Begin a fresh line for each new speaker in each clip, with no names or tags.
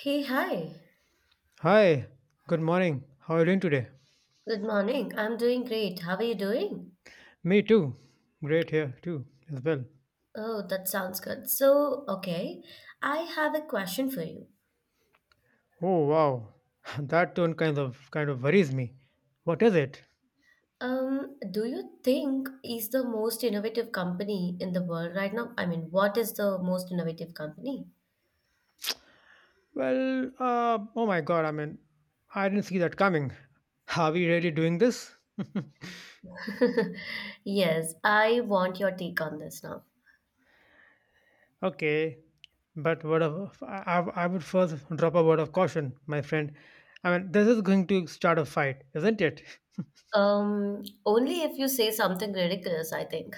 Hey, hi.
Hi, good morning. How are you doing today?
Good morning. I'm doing great. How are you doing?
Me too. Great here too as well.
Oh, that sounds good. So, okay, I have a question for you.
Oh wow, that tone kind of worries me. What is it?
Do you think is the most innovative company in the world right now? I mean, what is the most innovative company?
Oh my God. I mean, I didn't see that coming. Are we really doing this?
Yes, I want your take on this now.
Okay, but word of I would first drop a word of caution, my friend. I mean, this is going to start a fight, isn't it?
Only if you say something ridiculous, I think.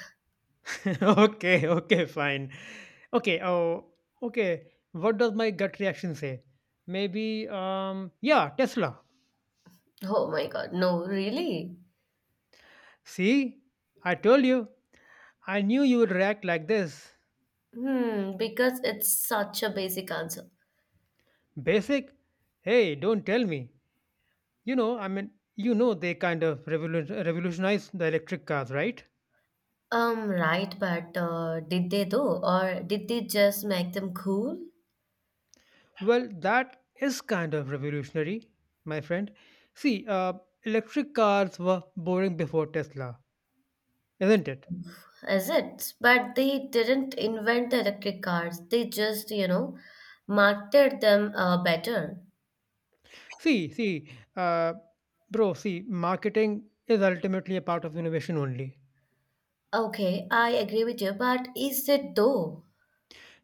Okay, okay, fine. Okay, oh, okay. What does my gut reaction say? Maybe, yeah, Tesla.
Oh my God, no, really?
See, I told you. I knew you would react like this.
Hmm, because it's such a basic answer.
Basic? Hey, don't tell me. You know they kind of revolutionized the electric cars, right?
Right, but did they though, or did they just make them cool?
Well, that is kind of revolutionary, my friend. See, electric cars were boring before Tesla, isn't it?
Is it? But they didn't invent the electric cars. They just, you know, marketed them better.
See, see, uh, bro, see, marketing is ultimately a part of innovation only.
Okay, I agree with you, but is it though?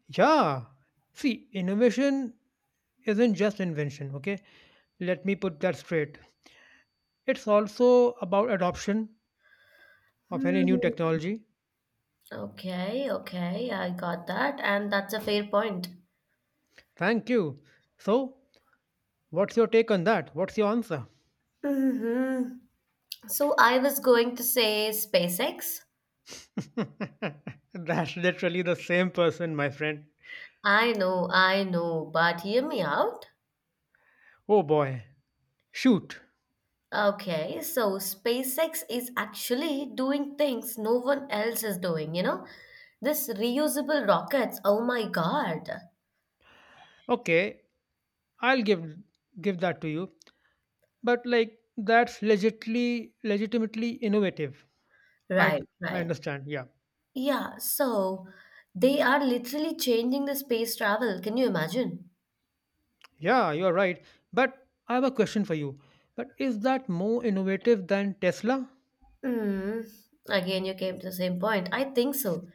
Yeah. See, innovation isn't just invention, okay? Let me put that straight. It's also about adoption of any new
Hmm.
technology.
Okay, okay, I got that, and that's a fair point.
Thank you. So, what's your take on that? What's your answer?
hmm So I was going to say SpaceX.
That's literally the same person, my friend.
I know, but hear me out.
Oh boy. Shoot.
Okay, so SpaceX is actually doing things no one else is doing, you know? This reusable rockets, oh my God.
Okay, I'll give that to you. But like that's legitly legitimately innovative. I
Right,
I
right.
understand. Yeah.
Yeah, so they are literally changing the space travel. Can you imagine?
Yeah, you are right. But I have a question for you. But is that more innovative than Tesla?
Hmm. Again, you came to the same point. I think so.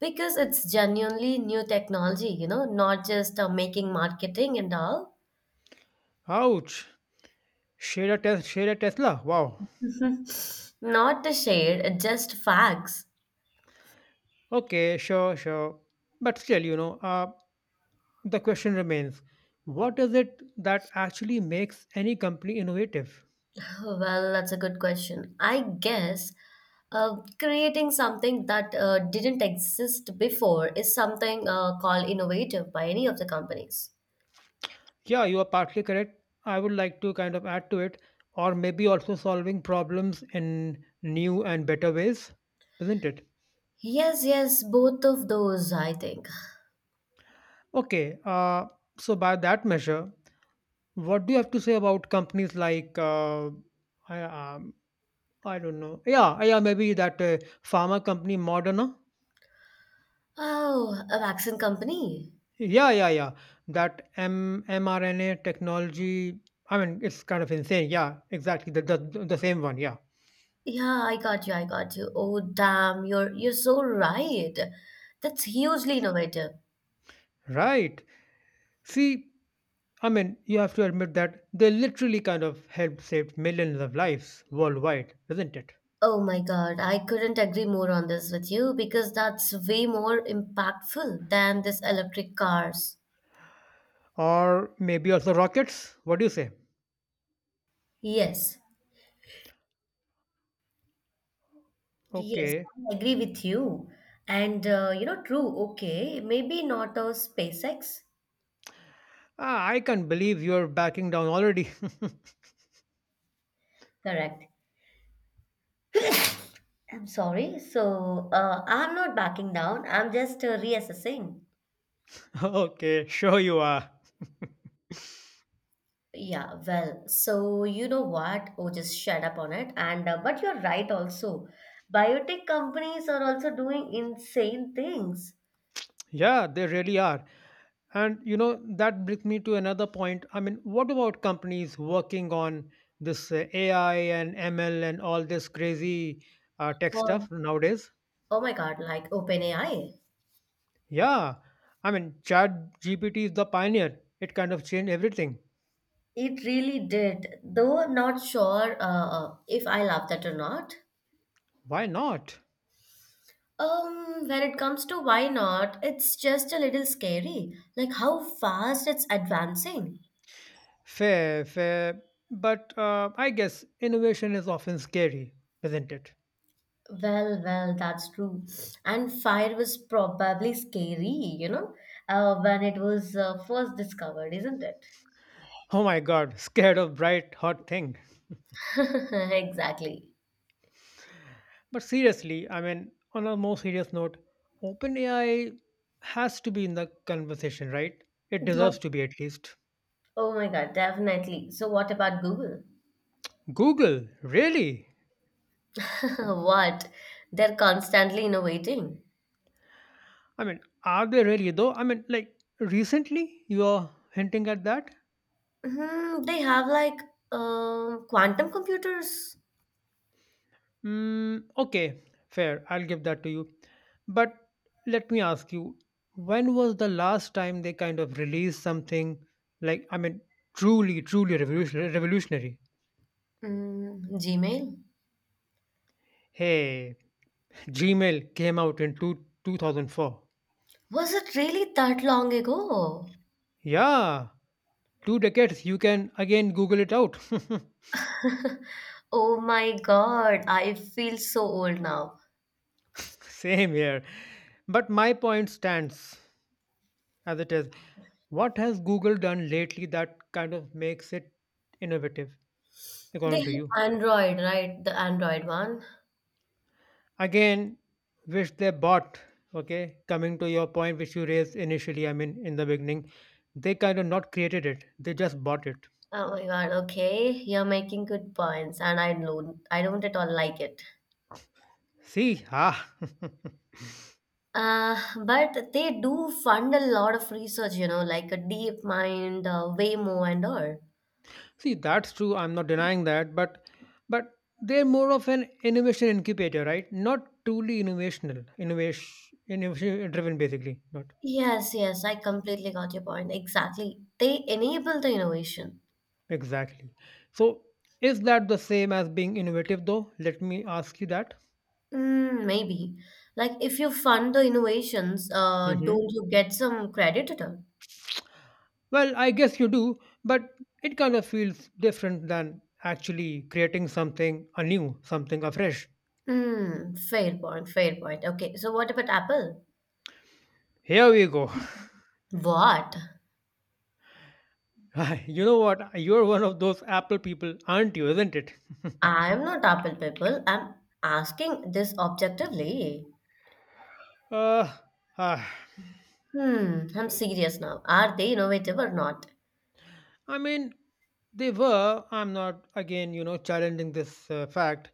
Because it's genuinely new technology, you know, not just making marketing and all.
Ouch. Share a, share a Tesla. Wow.
Not a shade, just facts.
Okay, sure, sure. But still, the question remains what is it that actually makes any company innovative?
Well, that's a good question. I guess creating something that didn't exist before is something called innovative by any of the companies.
Yeah, you are partly correct. I would like to kind of add to it, or maybe also solving problems in new and better ways, isn't it?
Yes, yes, both of those, I think.
Okay, so by that measure, what do you have to say about companies like, uh, I, um, I don't know, yeah, yeah, maybe that pharma company Moderna?
Oh, a vaccine company.
Yeah, yeah, yeah, that M mRNA technology, I mean, it's kind of insane. Yeah, exactly, the same one, yeah.
Yeah, I got you, I got you. Oh, damn, you're so right. That's hugely innovative.
Right. See, I mean, you have to admit that they literally kind of helped save millions of lives worldwide, isn't it?
Oh my God, I couldn't agree more on this with you because that's way more impactful than this electric cars.
Or maybe also rockets? What do you say?
Yes, Yes,
Okay.
I agree with you. And you know, true, okay, maybe not a SpaceX.
Ah, I can't believe you're backing down already.
Correct. I'm sorry. So I'm not backing down. I'm just reassessing.
Okay, sure you are.
Yeah, well, so you know what? Oh, just shut up on it. And but you're right also. Biotech companies are also doing insane things.
Yeah, they really are. And you know, that brings me to another point. I mean, what about companies working on this AI and ML and all this crazy tech
Oh,
stuff nowadays?
oh my God, like OpenAI.
Yeah, I mean, Chat GPT is the pioneer. It kind of changed everything.
It really did, though not sure if I love that or not.
Why not?
When it comes to why not, it's just a little scary. Like how fast it's advancing.
Fair, fair. But I guess innovation is often scary, isn't it?
Well, that's true. And fire was probably scary, you know, when it was first discovered, isn't it?
Oh my god, scared of bright, hot thing.
Exactly.
But seriously, I mean, on a more serious note, OpenAI has to be in the conversation, right? It
But-
deserves to be at least.
oh my God, definitely. So, what about Google?
Google, really?
What? They're constantly innovating.
I mean, are they really though? I mean, like, recently you are hinting at that?
Hmm, they have like quantum computers,
Mm, okay, fair. I'll give that to you. But let me ask you, when was the last time they kind of released something like, I mean, truly revolutionary? Revolutionary?
Gmail.
Hey, Gmail came out in 2004.
Was it really that long ago?
Yeah, two decades. You can again Google it out.
Oh my God, I feel so old now.
Same here. But my point stands as it is. What has Google done lately that kind of makes it innovative,
They
according to you?
have Android, right? The Android one.
Again, which they bought. Okay, coming to your point which you raised initially, I mean, in the beginning, they kind of not created it, they just bought it.
Oh my God, okay. You're making good points, and I don't at all like it.
See, ah,
But they do fund a lot of research, you know, like a deep mind, Waymo, and all.
see that's true, I'm not denying that, but they're more of an innovation incubator, right? Not truly innovation driven basically, not
Yes, yes, I completely got your point. Exactly. They enable the innovation.
exactly. So is that the same as being innovative though? Let me ask you that.
Maybe. Like if you fund the innovations, don't you get some credit at all?
Well, I guess you do, but it kind of feels different than actually creating something anew, something afresh.
Fair point, fair point. Okay, so what about Apple?
Here we go.
What?
You know what? You're one of those Apple people, aren't you? Isn't it?
I'm not Apple people. I'm asking this objectively.
uh, ah,
I'm serious now. Are they innovative or not?
I mean, they were. I'm not, again, you know, challenging this fact.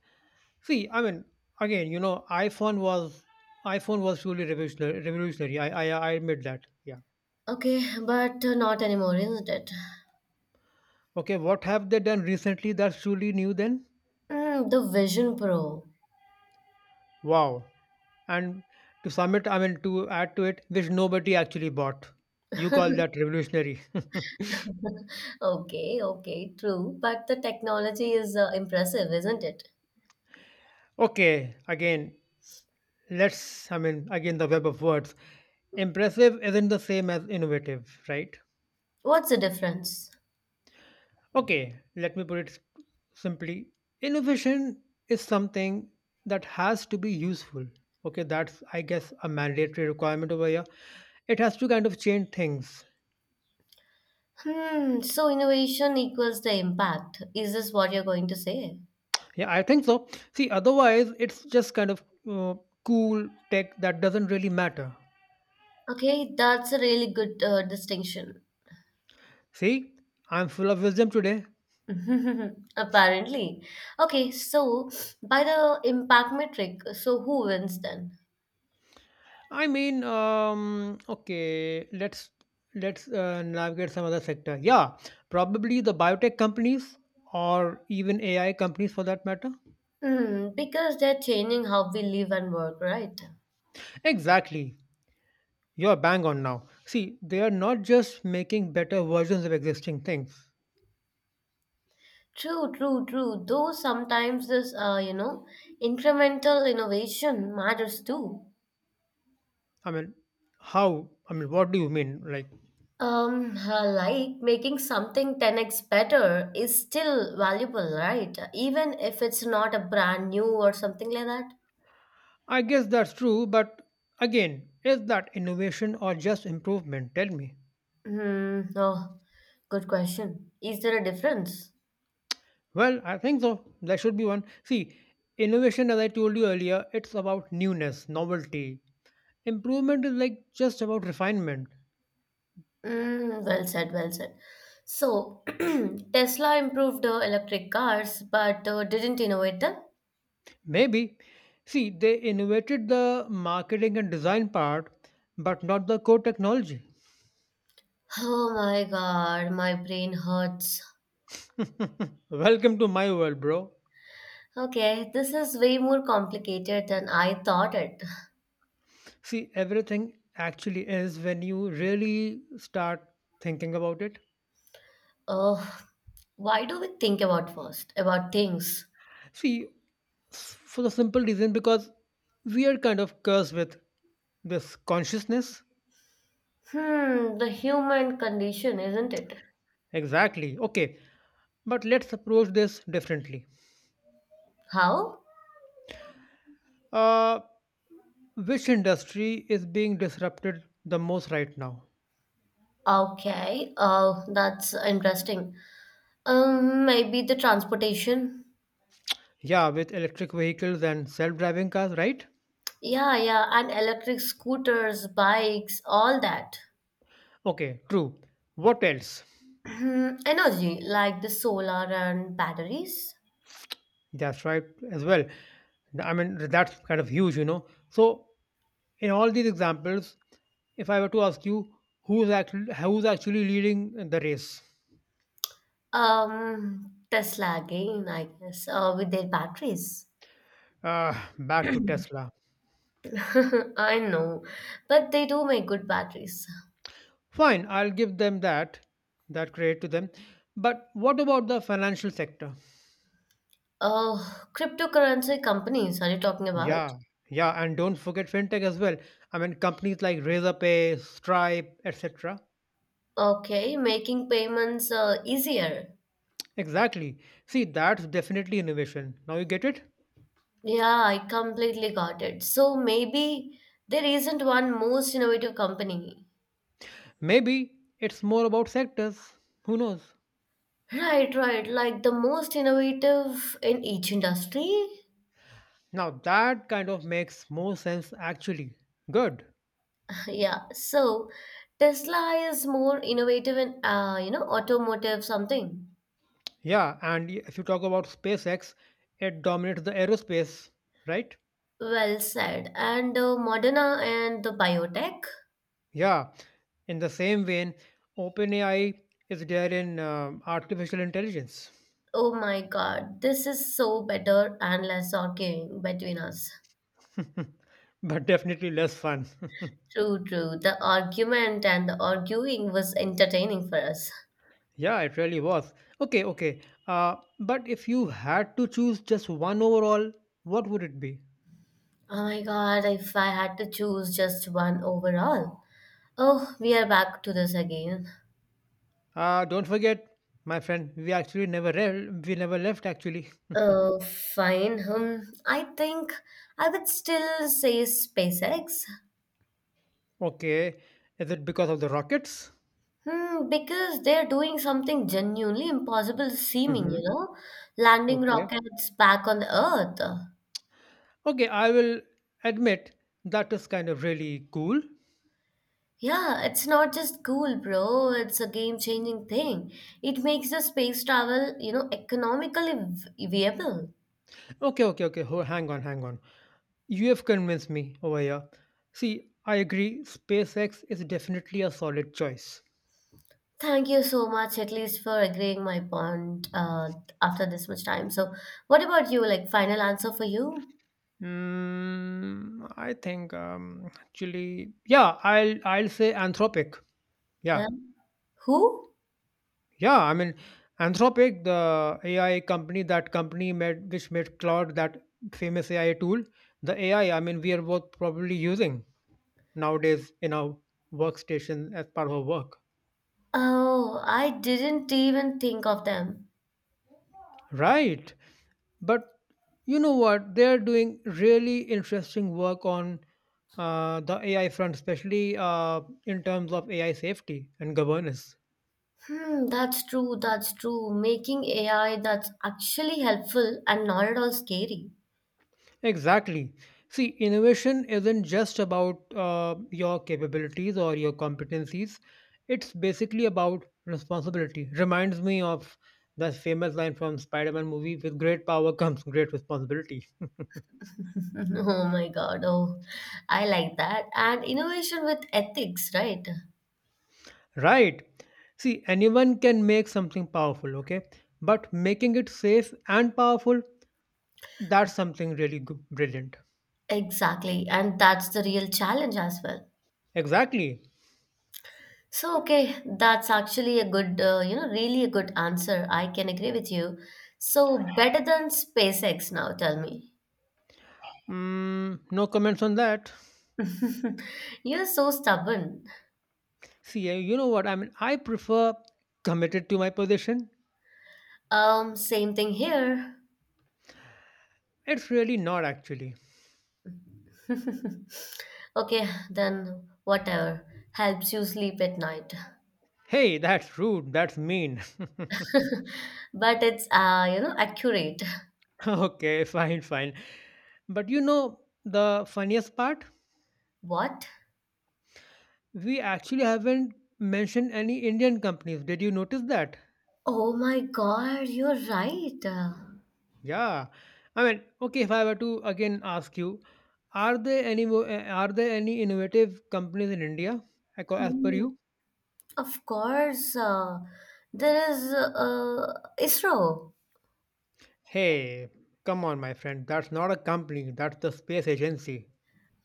See, I mean, again, you know, iPhone was truly revolutionary. Revolutionary. I admit that. Yeah.
Okay, but not anymore, isn't it?
Okay. What have they done recently that's truly new? Then,
The Vision Pro.
wow. And to sum it, I mean, to add to it, which nobody actually bought. You call that revolutionary.
Okay, okay, true. But the technology is impressive, isn't it?
Okay, again, again, the web of words. Impressive isn't the same as innovative, right?
What's the difference?
Okay, let me put it simply. Innovation is something that has to be useful. Okay, that's, I guess, a mandatory requirement over here. It has to kind of change things.
So innovation equals the impact. Is this what you're going to say?
Yeah, I think so. See, otherwise, it's just kind of uh, cool tech that doesn't really matter.
Okay, that's a really good distinction.
See, I'm full of wisdom today.
Apparently. Okay, so by the impact metric, so who wins then?
I mean, okay, let's navigate some other sector. Yeah, probably the biotech companies or even AI companies for that matter.
Because they're changing how we live and work, right?
Exactly. You're bang on now. See, they are not just making better versions of existing things.
True, true, true. Though sometimes this, you know, incremental innovation matters too.
I mean, how? I mean, what do you mean? Like,
Like making something 10x better is still valuable, right? Even if it's not a brand new or something like that.
I guess that's true, but again, is that innovation or just improvement? Tell me.
Hmm. Oh, good question. Is there a difference?
Well, I think so. There should be one. See, innovation, as I told you earlier, it's about newness, novelty. Improvement is like just about refinement.
Well said, well said. So, Tesla improved electric cars but didn't innovate them?
Maybe. See, they innovated the marketing and design part, but not the core technology.
Oh my god, my brain hurts.
Welcome to my world, bro.
Okay, this is way more complicated than I thought it.
See, everything actually is when you really start thinking about it.
Uh, why do we think about first? About things?
See, for the simple reason because we are kind of cursed with this consciousness.
The human condition, isn't it?
Exactly. Okay. But let's approach this differently.
How?
Uh, which industry is being disrupted the most right now?
Okay, that's interesting. Maybe the transportation.
Yeah, with electric vehicles and self driving cars, right?
Yeah, yeah, and electric scooters, bikes, all that.
Okay, true. What else?
Energy, like the solar and batteries.
That's right as well. I mean, that's kind of huge, you know. So, in all these examples, if I were to ask you who's actually leading the race,
Tesla again, I guess, with their batteries.
back to Tesla.
I know, but they do make good batteries.
Fine, I'll give them that credit to them. But what about the financial sector?
Oh, cryptocurrency companies, are you talking about?
Yeah, yeah, and don't forget fintech as well. I mean, companies like Razorpay, Stripe, etc.
Okay, making payments easier.
Exactly. See, that's definitely innovation. Now you get it?
Yeah, I completely got it. So maybe there isn't one most innovative company.
Maybe it's more about sectors. Who knows?
Right, right, like the most innovative in each industry.
Now that kind of makes more sense actually. Good.
Yeah, so Tesla is more innovative in, you know, automotive something.
Yeah, and if you talk about SpaceX, it dominates the aerospace, right?
Well said. And Moderna and the biotech.
Yeah. In the same vein, OpenAI is there in artificial intelligence,
Oh my God, this is so better and less arguing between us.
but definitely less fun.
True, true. The argument and the arguing was entertaining for us.
Yeah, it really was. Okay, okay. But if you had to choose just one overall, what would it be?
Oh my God, if I had to choose just one overall. Oh, we are back to this again.
Don't forget, my friend, we actually never re- we never left actually.
Oh, fine. I think I would still say SpaceX.
Okay, is it because of the rockets?
Because they're doing something genuinely impossible seeming,
Hmm.
you know? Landing
Okay.
rockets back on the Earth.
Okay, I will admit that is kind of really cool.
Yeah, it's not just cool, bro. It's a game-changing thing. It makes the space travel, you know, economically viable.
Okay, okay, okay. Hang on, hang on. You have convinced me over here. See, I agree. SpaceX is definitely a solid choice.
Thank you so much, at least for agreeing my point after this much time. So, what about you? Like, final answer for you?
Mm, I think actually, yeah, I'll say Anthropic. Yeah,
Huh? Who?
yeah. I mean, Anthropic, the AI company, that company made which made Claude, that famous AI tool. The AI, I mean, we are both probably using nowadays in our workstation as part of our work.
Oh, I didn't even think of them.
Right. But you know what? They're doing really interesting work on the AI front, especially in terms of AI safety and governance.
That's true, that's true. Making AI that's actually helpful and not at all scary.
Exactly. See, innovation isn't just about your capabilities or your competencies. It's basically about responsibility. Reminds me of that famous line from Spider-Man movie, with great power comes great responsibility.
Mhm. Oh my God. Oh, I like that. And innovation with ethics, right?
Right. See, anyone can make something powerful, okay? But making it safe and powerful, that's something really brilliant.
Exactly. And that's the real challenge as well.
Exactly.
So, okay, that's actually a good, you know, really a good answer. I can agree with you. So, better than SpaceX now, tell me.
Mm, no comments on that.
You're so stubborn.
See, you know what? I mean, I prefer committed to my position.
Same thing here.
It's really not actually.
Okay, then whatever helps you sleep at night.
Hey, that's rude. That's mean.
But it's, you know, accurate.
Okay, fine, fine. But you know the funniest part?
What?
We actually haven't mentioned any Indian companies. Did you notice that?
Oh my God, you're right.
Yeah, I mean, okay, if I were to again ask you, are there any are there any innovative companies in India as per
Mm,
you?
Of course, there is ISRO.
Hey, come on, my friend, that's not a company, that's the space agency.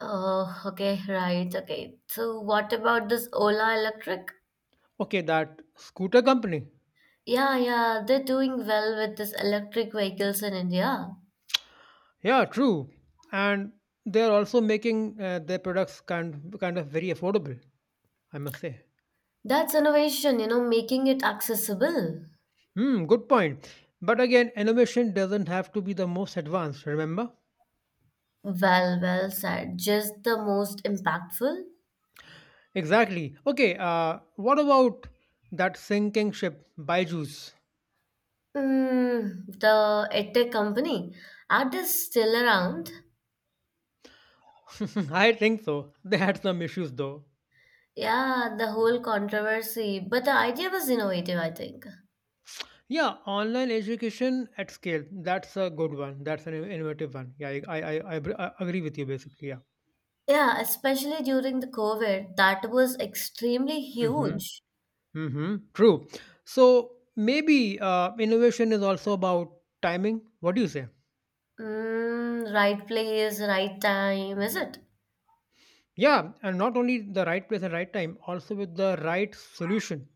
Oh, okay, right, okay. So, what about this Ola Electric?
Okay, that scooter company.
Yeah, yeah, they're doing well with this electric vehicles in India.
Yeah, true, and they're also making their products kind of very affordable. I must say.
That's innovation, you know, making it accessible.
Hmm, good point. But again, innovation doesn't have to be the most advanced. Remember.
Well, well said. Just the most impactful.
Exactly. Okay, what about that sinking ship, BYJU'S?
The EdTech company. Are they still around?
I think so. They had some issues though.
Yeah, the whole controversy, but the idea was innovative, I think.
Yeah, online education at scale. That's a good one. That's an innovative one. Yeah, I agree with you basically. Yeah.
Yeah, especially during the COVID, that was extremely
Mm-hmm.
huge.
Mm-hmm. True. So maybe innovation is also about timing. What do you say?
Right place, right time, is it?
Yeah, and not only the right place and right time, also with the right solution.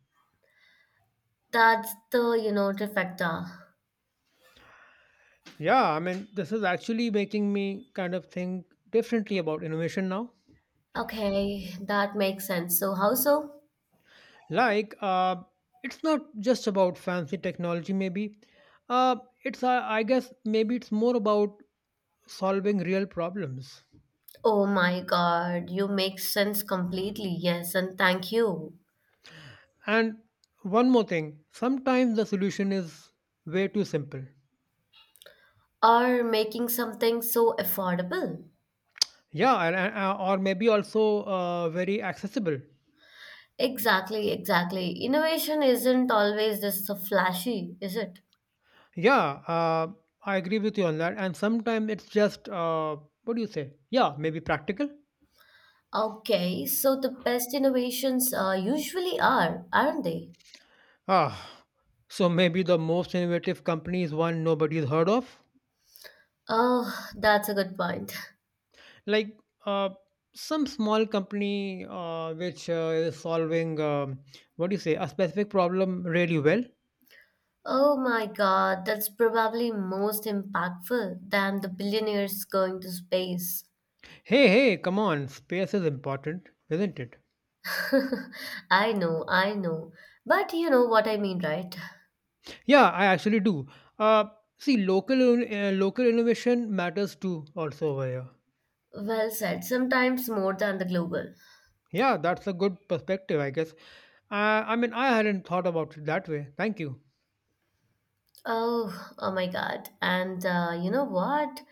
That's the, you know, trifecta.
Yeah, I mean, this is actually making me kind of think differently about innovation now.
Okay, that makes sense. So, how so?
Like, uh, it's not just about fancy technology, maybe. Uh, it's, I guess, maybe it's more about solving real problems.
Oh my God, you make sense completely. Yes, and thank you.
And one more thing, sometimes the solution is way too simple.
Or making something so affordable.
Yeah, or maybe also very accessible.
Exactly, exactly. Innovation isn't always this so flashy, is it?
Yeah, I agree with you on that. And sometimes it's just, what do you say? Yeah, maybe practical.
Okay, so the best innovations usually are, aren't they?
Ah, so maybe the most innovative company is one nobody's heard of?
Oh, that's a good point.
Like uh, some small company which is solving, what do you say, a specific problem really well?
Oh my God, that's probably most impactful than the billionaires going to space.
Hey, hey, come on, space is important, isn't it?
I know, I know. But you know what I mean, right?
Yeah, I actually do. Uh, See, local innovation matters too, also over here.
Well said, sometimes more than the global.
Yeah, that's a good perspective, I guess. I mean, I hadn't thought about it that way. Thank you.
Oh my God. And you know what?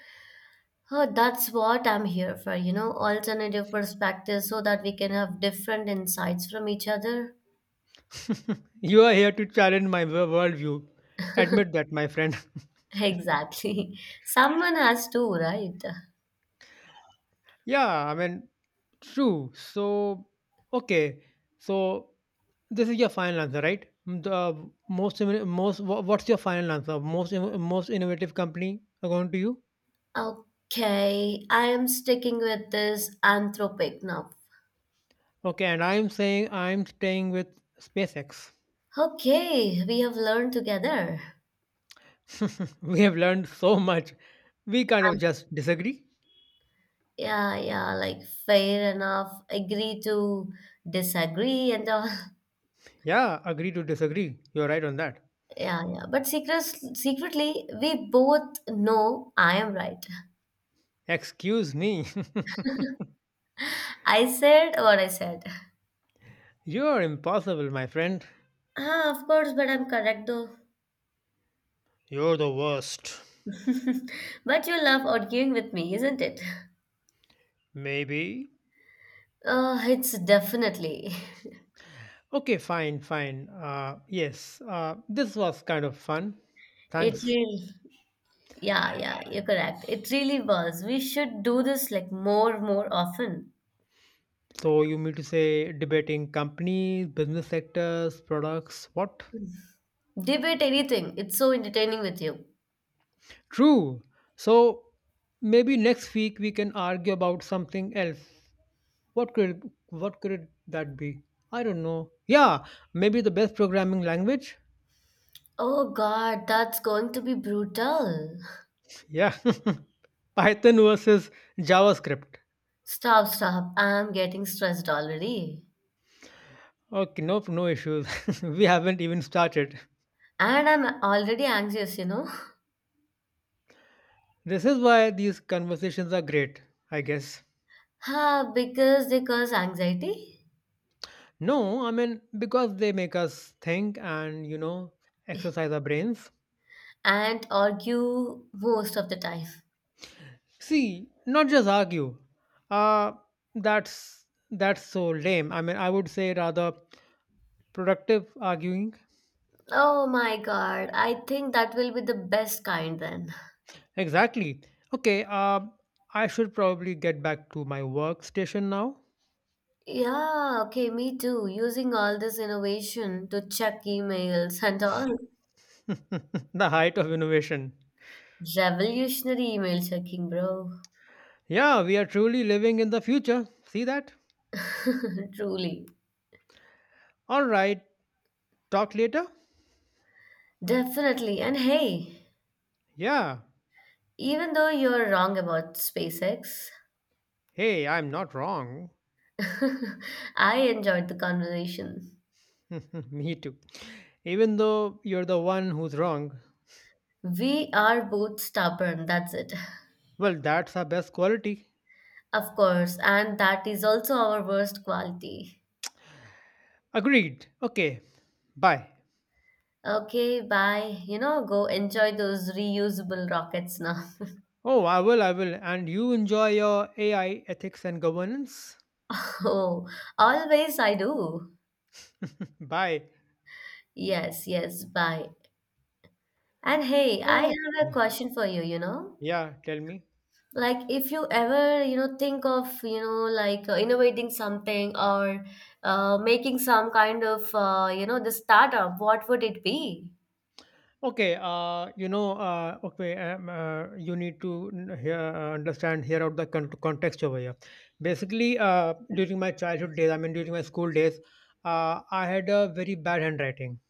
Huh, that's what I'm here for, you know, alternative perspectives so that we can have different insights from each other.
You are here to challenge my worldview. Admit that, my friend.
Exactly. Someone has to, right?
yeah, I mean, true. So, okay. So, this is your final answer, right? The most, inno- most, wha- what's your final answer? Most innovative company according to you?
Okay, I am sticking with this anthropic now.
Okay, and I'm saying I'm staying with SpaceX.
Okay, we have learned together.
we have learned so much. We kind of just disagree.
Yeah, yeah, like fair enough. Agree to disagree and all.
Yeah, agree to disagree. You're right on that.
Yeah, yeah. But secretly, we both know I am right.
Excuse me.
I said what I said.
You're impossible, my friend.
Ah, of course, but I'm correct though.
You're the worst.
But you love arguing with me, isn't it?
Maybe.
It's definitely.
Okay, fine. Yes, this was kind of fun.
It
Thanks.
really, yeah, yeah, you're correct. It really was. We should do this like more often.
So you mean to say debating companies, business sectors, products, what?
Debate anything. It's so entertaining with you.
True. So maybe next week we can argue about something else. What could that be? I don't know. Yeah, maybe the best programming language.
Oh God, that's going to be brutal.
Yeah, Python versus JavaScript.
Stop, stop. I'm getting stressed already.
Okay, nope, no issues. we haven't even started.
And I'm already anxious, you know.
This is why these conversations are great, I guess.
Ah, because they cause anxiety?
No, I mean, because they make us think and, you know, exercise our brains.
And argue most of the time.
See, not just argue. Uh, that's so lame. I mean, I would say rather productive arguing.
Oh my god, I think that will be the best kind then.
Exactly. Okay, I should probably get back to my workstation now.
Yeah, okay, me too. Using all this innovation to check emails and all.
the height of innovation.
Revolutionary email checking, bro.
Yeah, we are truly living in the future. See that?
Truly.
All right, talk later.
Definitely. And hey,
Yeah.
even though you're wrong about SpaceX,
Hey, I'm not wrong.
I enjoyed the conversation.
Me too. Even though you're the one who's wrong.
We are both stubborn, that's it.
Well, that's our best quality.
Of course, and that is also our worst quality.
Agreed. Okay. Bye.
Okay, bye. You know, go enjoy those reusable rockets now.
Oh, I will. And you enjoy your AI ethics and governance.
Oh, always I do.
Bye.
Yes, yes, bye. And hey, I
So,
have a
yeah,
question for you, you know?
yeah, tell me.
Like if you ever, you know, think of, you know, like innovating something or making some kind of, you know, the startup, what would it be?
Okay, okay, you need to hear, understand, hear out the context over here. Basically, during my childhood days, I mean, during my school days, I had a very bad handwriting,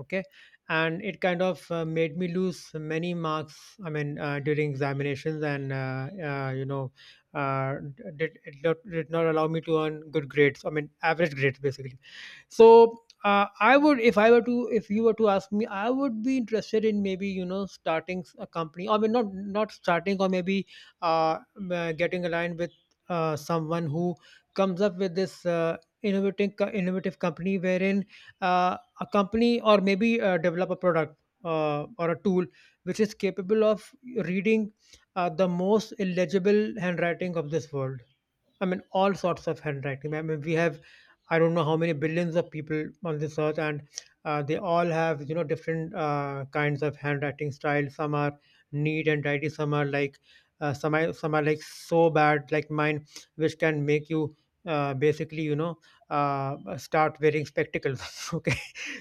okay? And it kind of made me lose many marks, I mean, during examinations, and, you know, did not allow me to earn good grades, I mean, average grades, basically. So I would, if you were to ask me, I would be interested in maybe, you know, starting a company, or I mean, not starting, or maybe getting aligned with someone who comes up with this innovative company wherein a company, or maybe develop a product or a tool which is capable of reading the most illegible handwriting of this world. I mean, all sorts of handwriting. I don't know how many billions of people on this earth, and they all have, you know, different kinds of handwriting styles. Some are neat and tidy. Some are like, some are like so bad, like mine, which can make you basically, you know, start wearing spectacles. okay,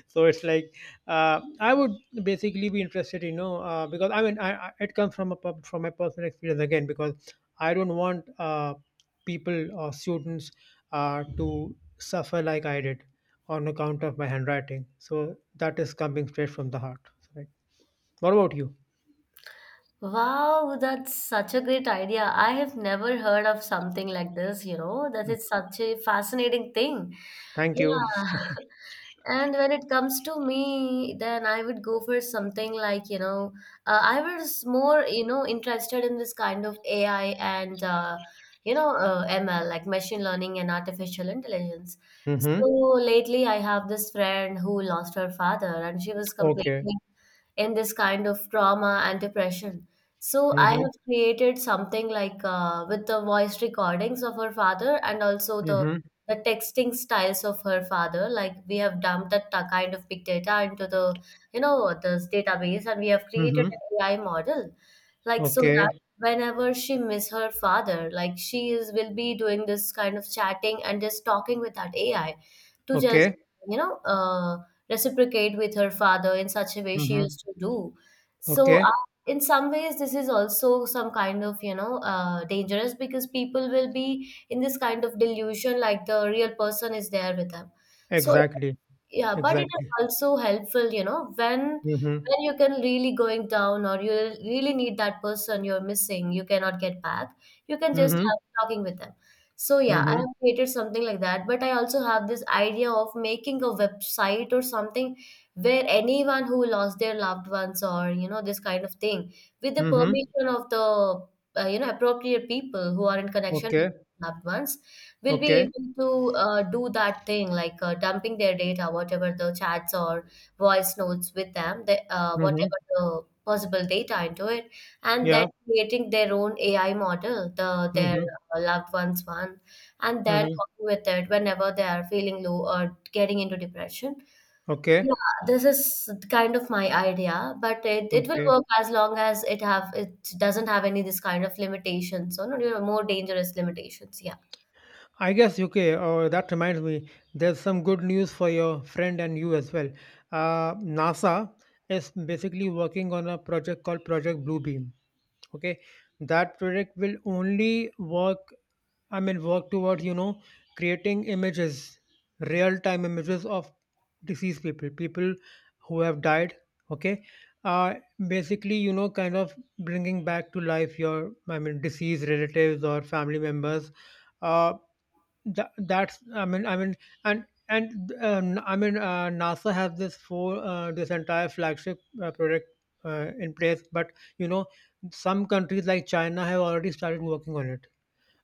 so it's like I would basically be interested, you know, because I mean, it comes from a from my personal experience again, because I don't want. People or students to suffer like I did on account of my handwriting. So that is coming straight from the heart. Right. What about you?
Wow, that's such a great idea. I have never heard of something like this, you know, that is such a fascinating thing.
Thank you.
Yeah. And when it comes to me, then I would go for something like, you know, I was more, you know, interested in this kind of AI and, you know, ML, like machine learning and artificial intelligence. So
Mm-hmm.
lately, I have this friend who lost her father, and she was
Okay.
completely in this kind of trauma and depression. So I
Mm-hmm.
have created something like with the voice recordings of her father and also the
Mm-hmm.
texting styles of her father. Like we have dumped that kind of big data into the, you know, this database, and we have created
Mm-hmm.
an AI model like so that
Okay.
whenever she miss her father, like she is will be doing this kind of chatting and just talking with that AI to just,
Okay.
you know, reciprocate with her father in such a way she
Mm-hmm.
used to do. So,
Okay.
in some ways, this is also some kind of, you know, dangerous because people will be in this kind of delusion, like the real person is there with them. So,
Exactly.
yeah, but it is
Exactly.
also helpful, you know, when
Mm-hmm.
you can really going down or you really need that person you're missing, you cannot get back. You can just
Mm-hmm.
have talking with them. So yeah, I
Mm-hmm.
have created something like that, but I also have this idea of making a website or something where anyone who lost their loved ones or you know this kind of thing, with the
Mm-hmm.
permission of the you know appropriate people who are in connection with
Okay.
loved ones, will
Okay.
be able to do that thing like dumping their data, whatever the chats or voice notes with them, the,
Mm-hmm.
whatever the possible data into it, and then
Yeah.
creating their own AI model, their
Mm-hmm.
loved ones one, and then
Mm-hmm.
talking with it whenever they are feeling low or getting into depression. Yeah,
Okay.
this is kind of my idea, but it will
Okay.
work as long as it doesn't have any this kind of limitations or not, you know, more dangerous limitations. Yeah.
I guess UK. That reminds me, there's some good news for your friend and you as well. NASA is basically working on a project called Project Bluebeam. Okay, that project will only work. I mean, work towards, you know, creating images, real time images of deceased people, people who have died. Okay, uh, basically, you know, kind of bringing back to life your, I mean, deceased relatives or family members. Uh, that's, I mean, NASA has this for this entire flagship project in place, but you know, some countries like China have already started working on it.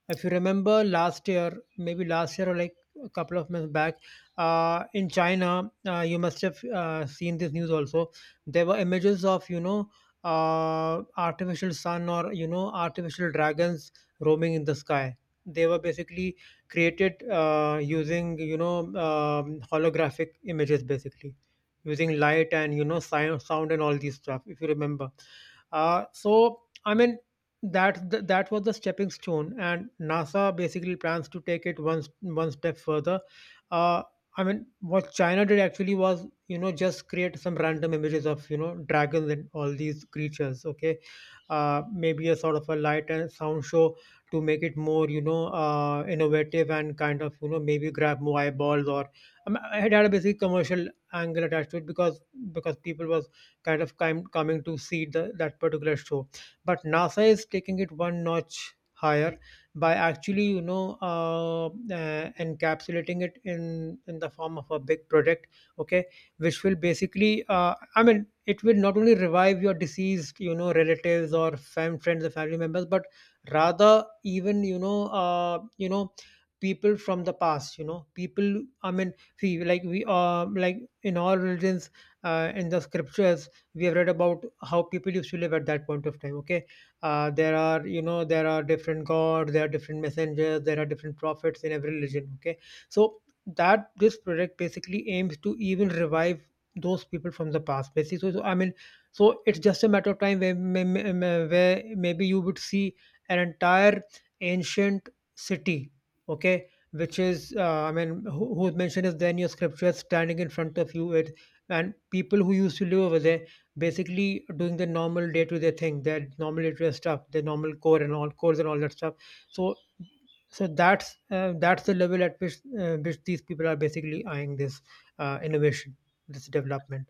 If you remember last year, maybe last year, or like a couple of months back, in China, you must have seen this news also. There were images of, you know, artificial sun, or you know, artificial dragons roaming in the sky. They were basically created using, you know, holographic images, basically using light and, you know, sound and all these stuff. If you remember, so I mean that was the stepping stone, and NASA basically plans to take it one step further. uh I mean, what China did actually was, you know, just create some random images of, you know, dragons and all these creatures. Okay, maybe a sort of a light and sound show to make it more, you know, innovative and kind of, you know, maybe grab more eyeballs. Or I mean, it had a basic commercial angle attached to it, because people was kind of kind coming to see the that particular show. But NASA is taking it one notch higher by actually, you know, encapsulating it in the form of a big project, okay, which will basically I mean, it will not only revive your deceased, you know, relatives or friends or family members, but rather even, you know, people from the past, you know, people, I mean, see, like in all religions, in the scriptures, we have read about how people used to live at that point of time, okay. There are, you know, there are different gods, there are different messengers, there are different prophets in every religion, okay. So that this project basically aims to even revive those people from the past, basically. So, so I mean, so it's just a matter of time where, where maybe you would see an entire ancient city, okay, which is I mean, whose mention is there in your scriptures, standing in front of you, it, and people who used to live over there, basically doing the normal day-to-day thing, their normal day-to-day stuff, their normal core and all cores and all that stuff. So, so that's the level at which these people are basically eyeing this innovation, this development.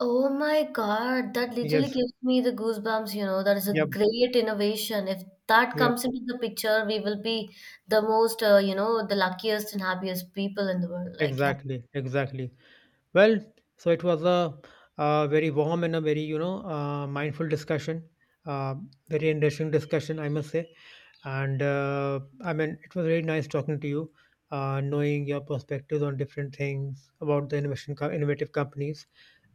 Oh my God, that literally
Yes.
gives me the goosebumps, you know. That is a
Yep.
great innovation. If that
Yep.
comes into the picture, we will be the most, you know, the luckiest and happiest people in the world. Like, yeah.
Exactly. Exactly. Well, so it was a, very warm and a very, you know, mindful discussion, uh, very interesting discussion, I must say. And I mean, it was really nice talking to you, knowing your perspectives on different things about the innovation, innovative companies,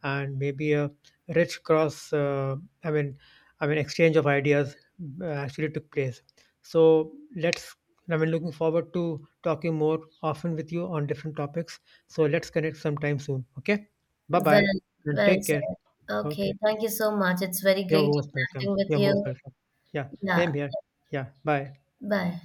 and maybe a rich cross, I mean, I mean, exchange of ideas actually took place. So let's, I mean, looking forward to talking more often with you on different topics. So let's connect sometime soon. Okay. Bye
Well,
bye. And
well
take care.
said. Okay,
Okay.
thank you so much. It's very
You're
great
most welcome.
interacting with
You're most
you.
welcome. Yeah.
Yeah.
Same here. Yeah. Bye.
Bye.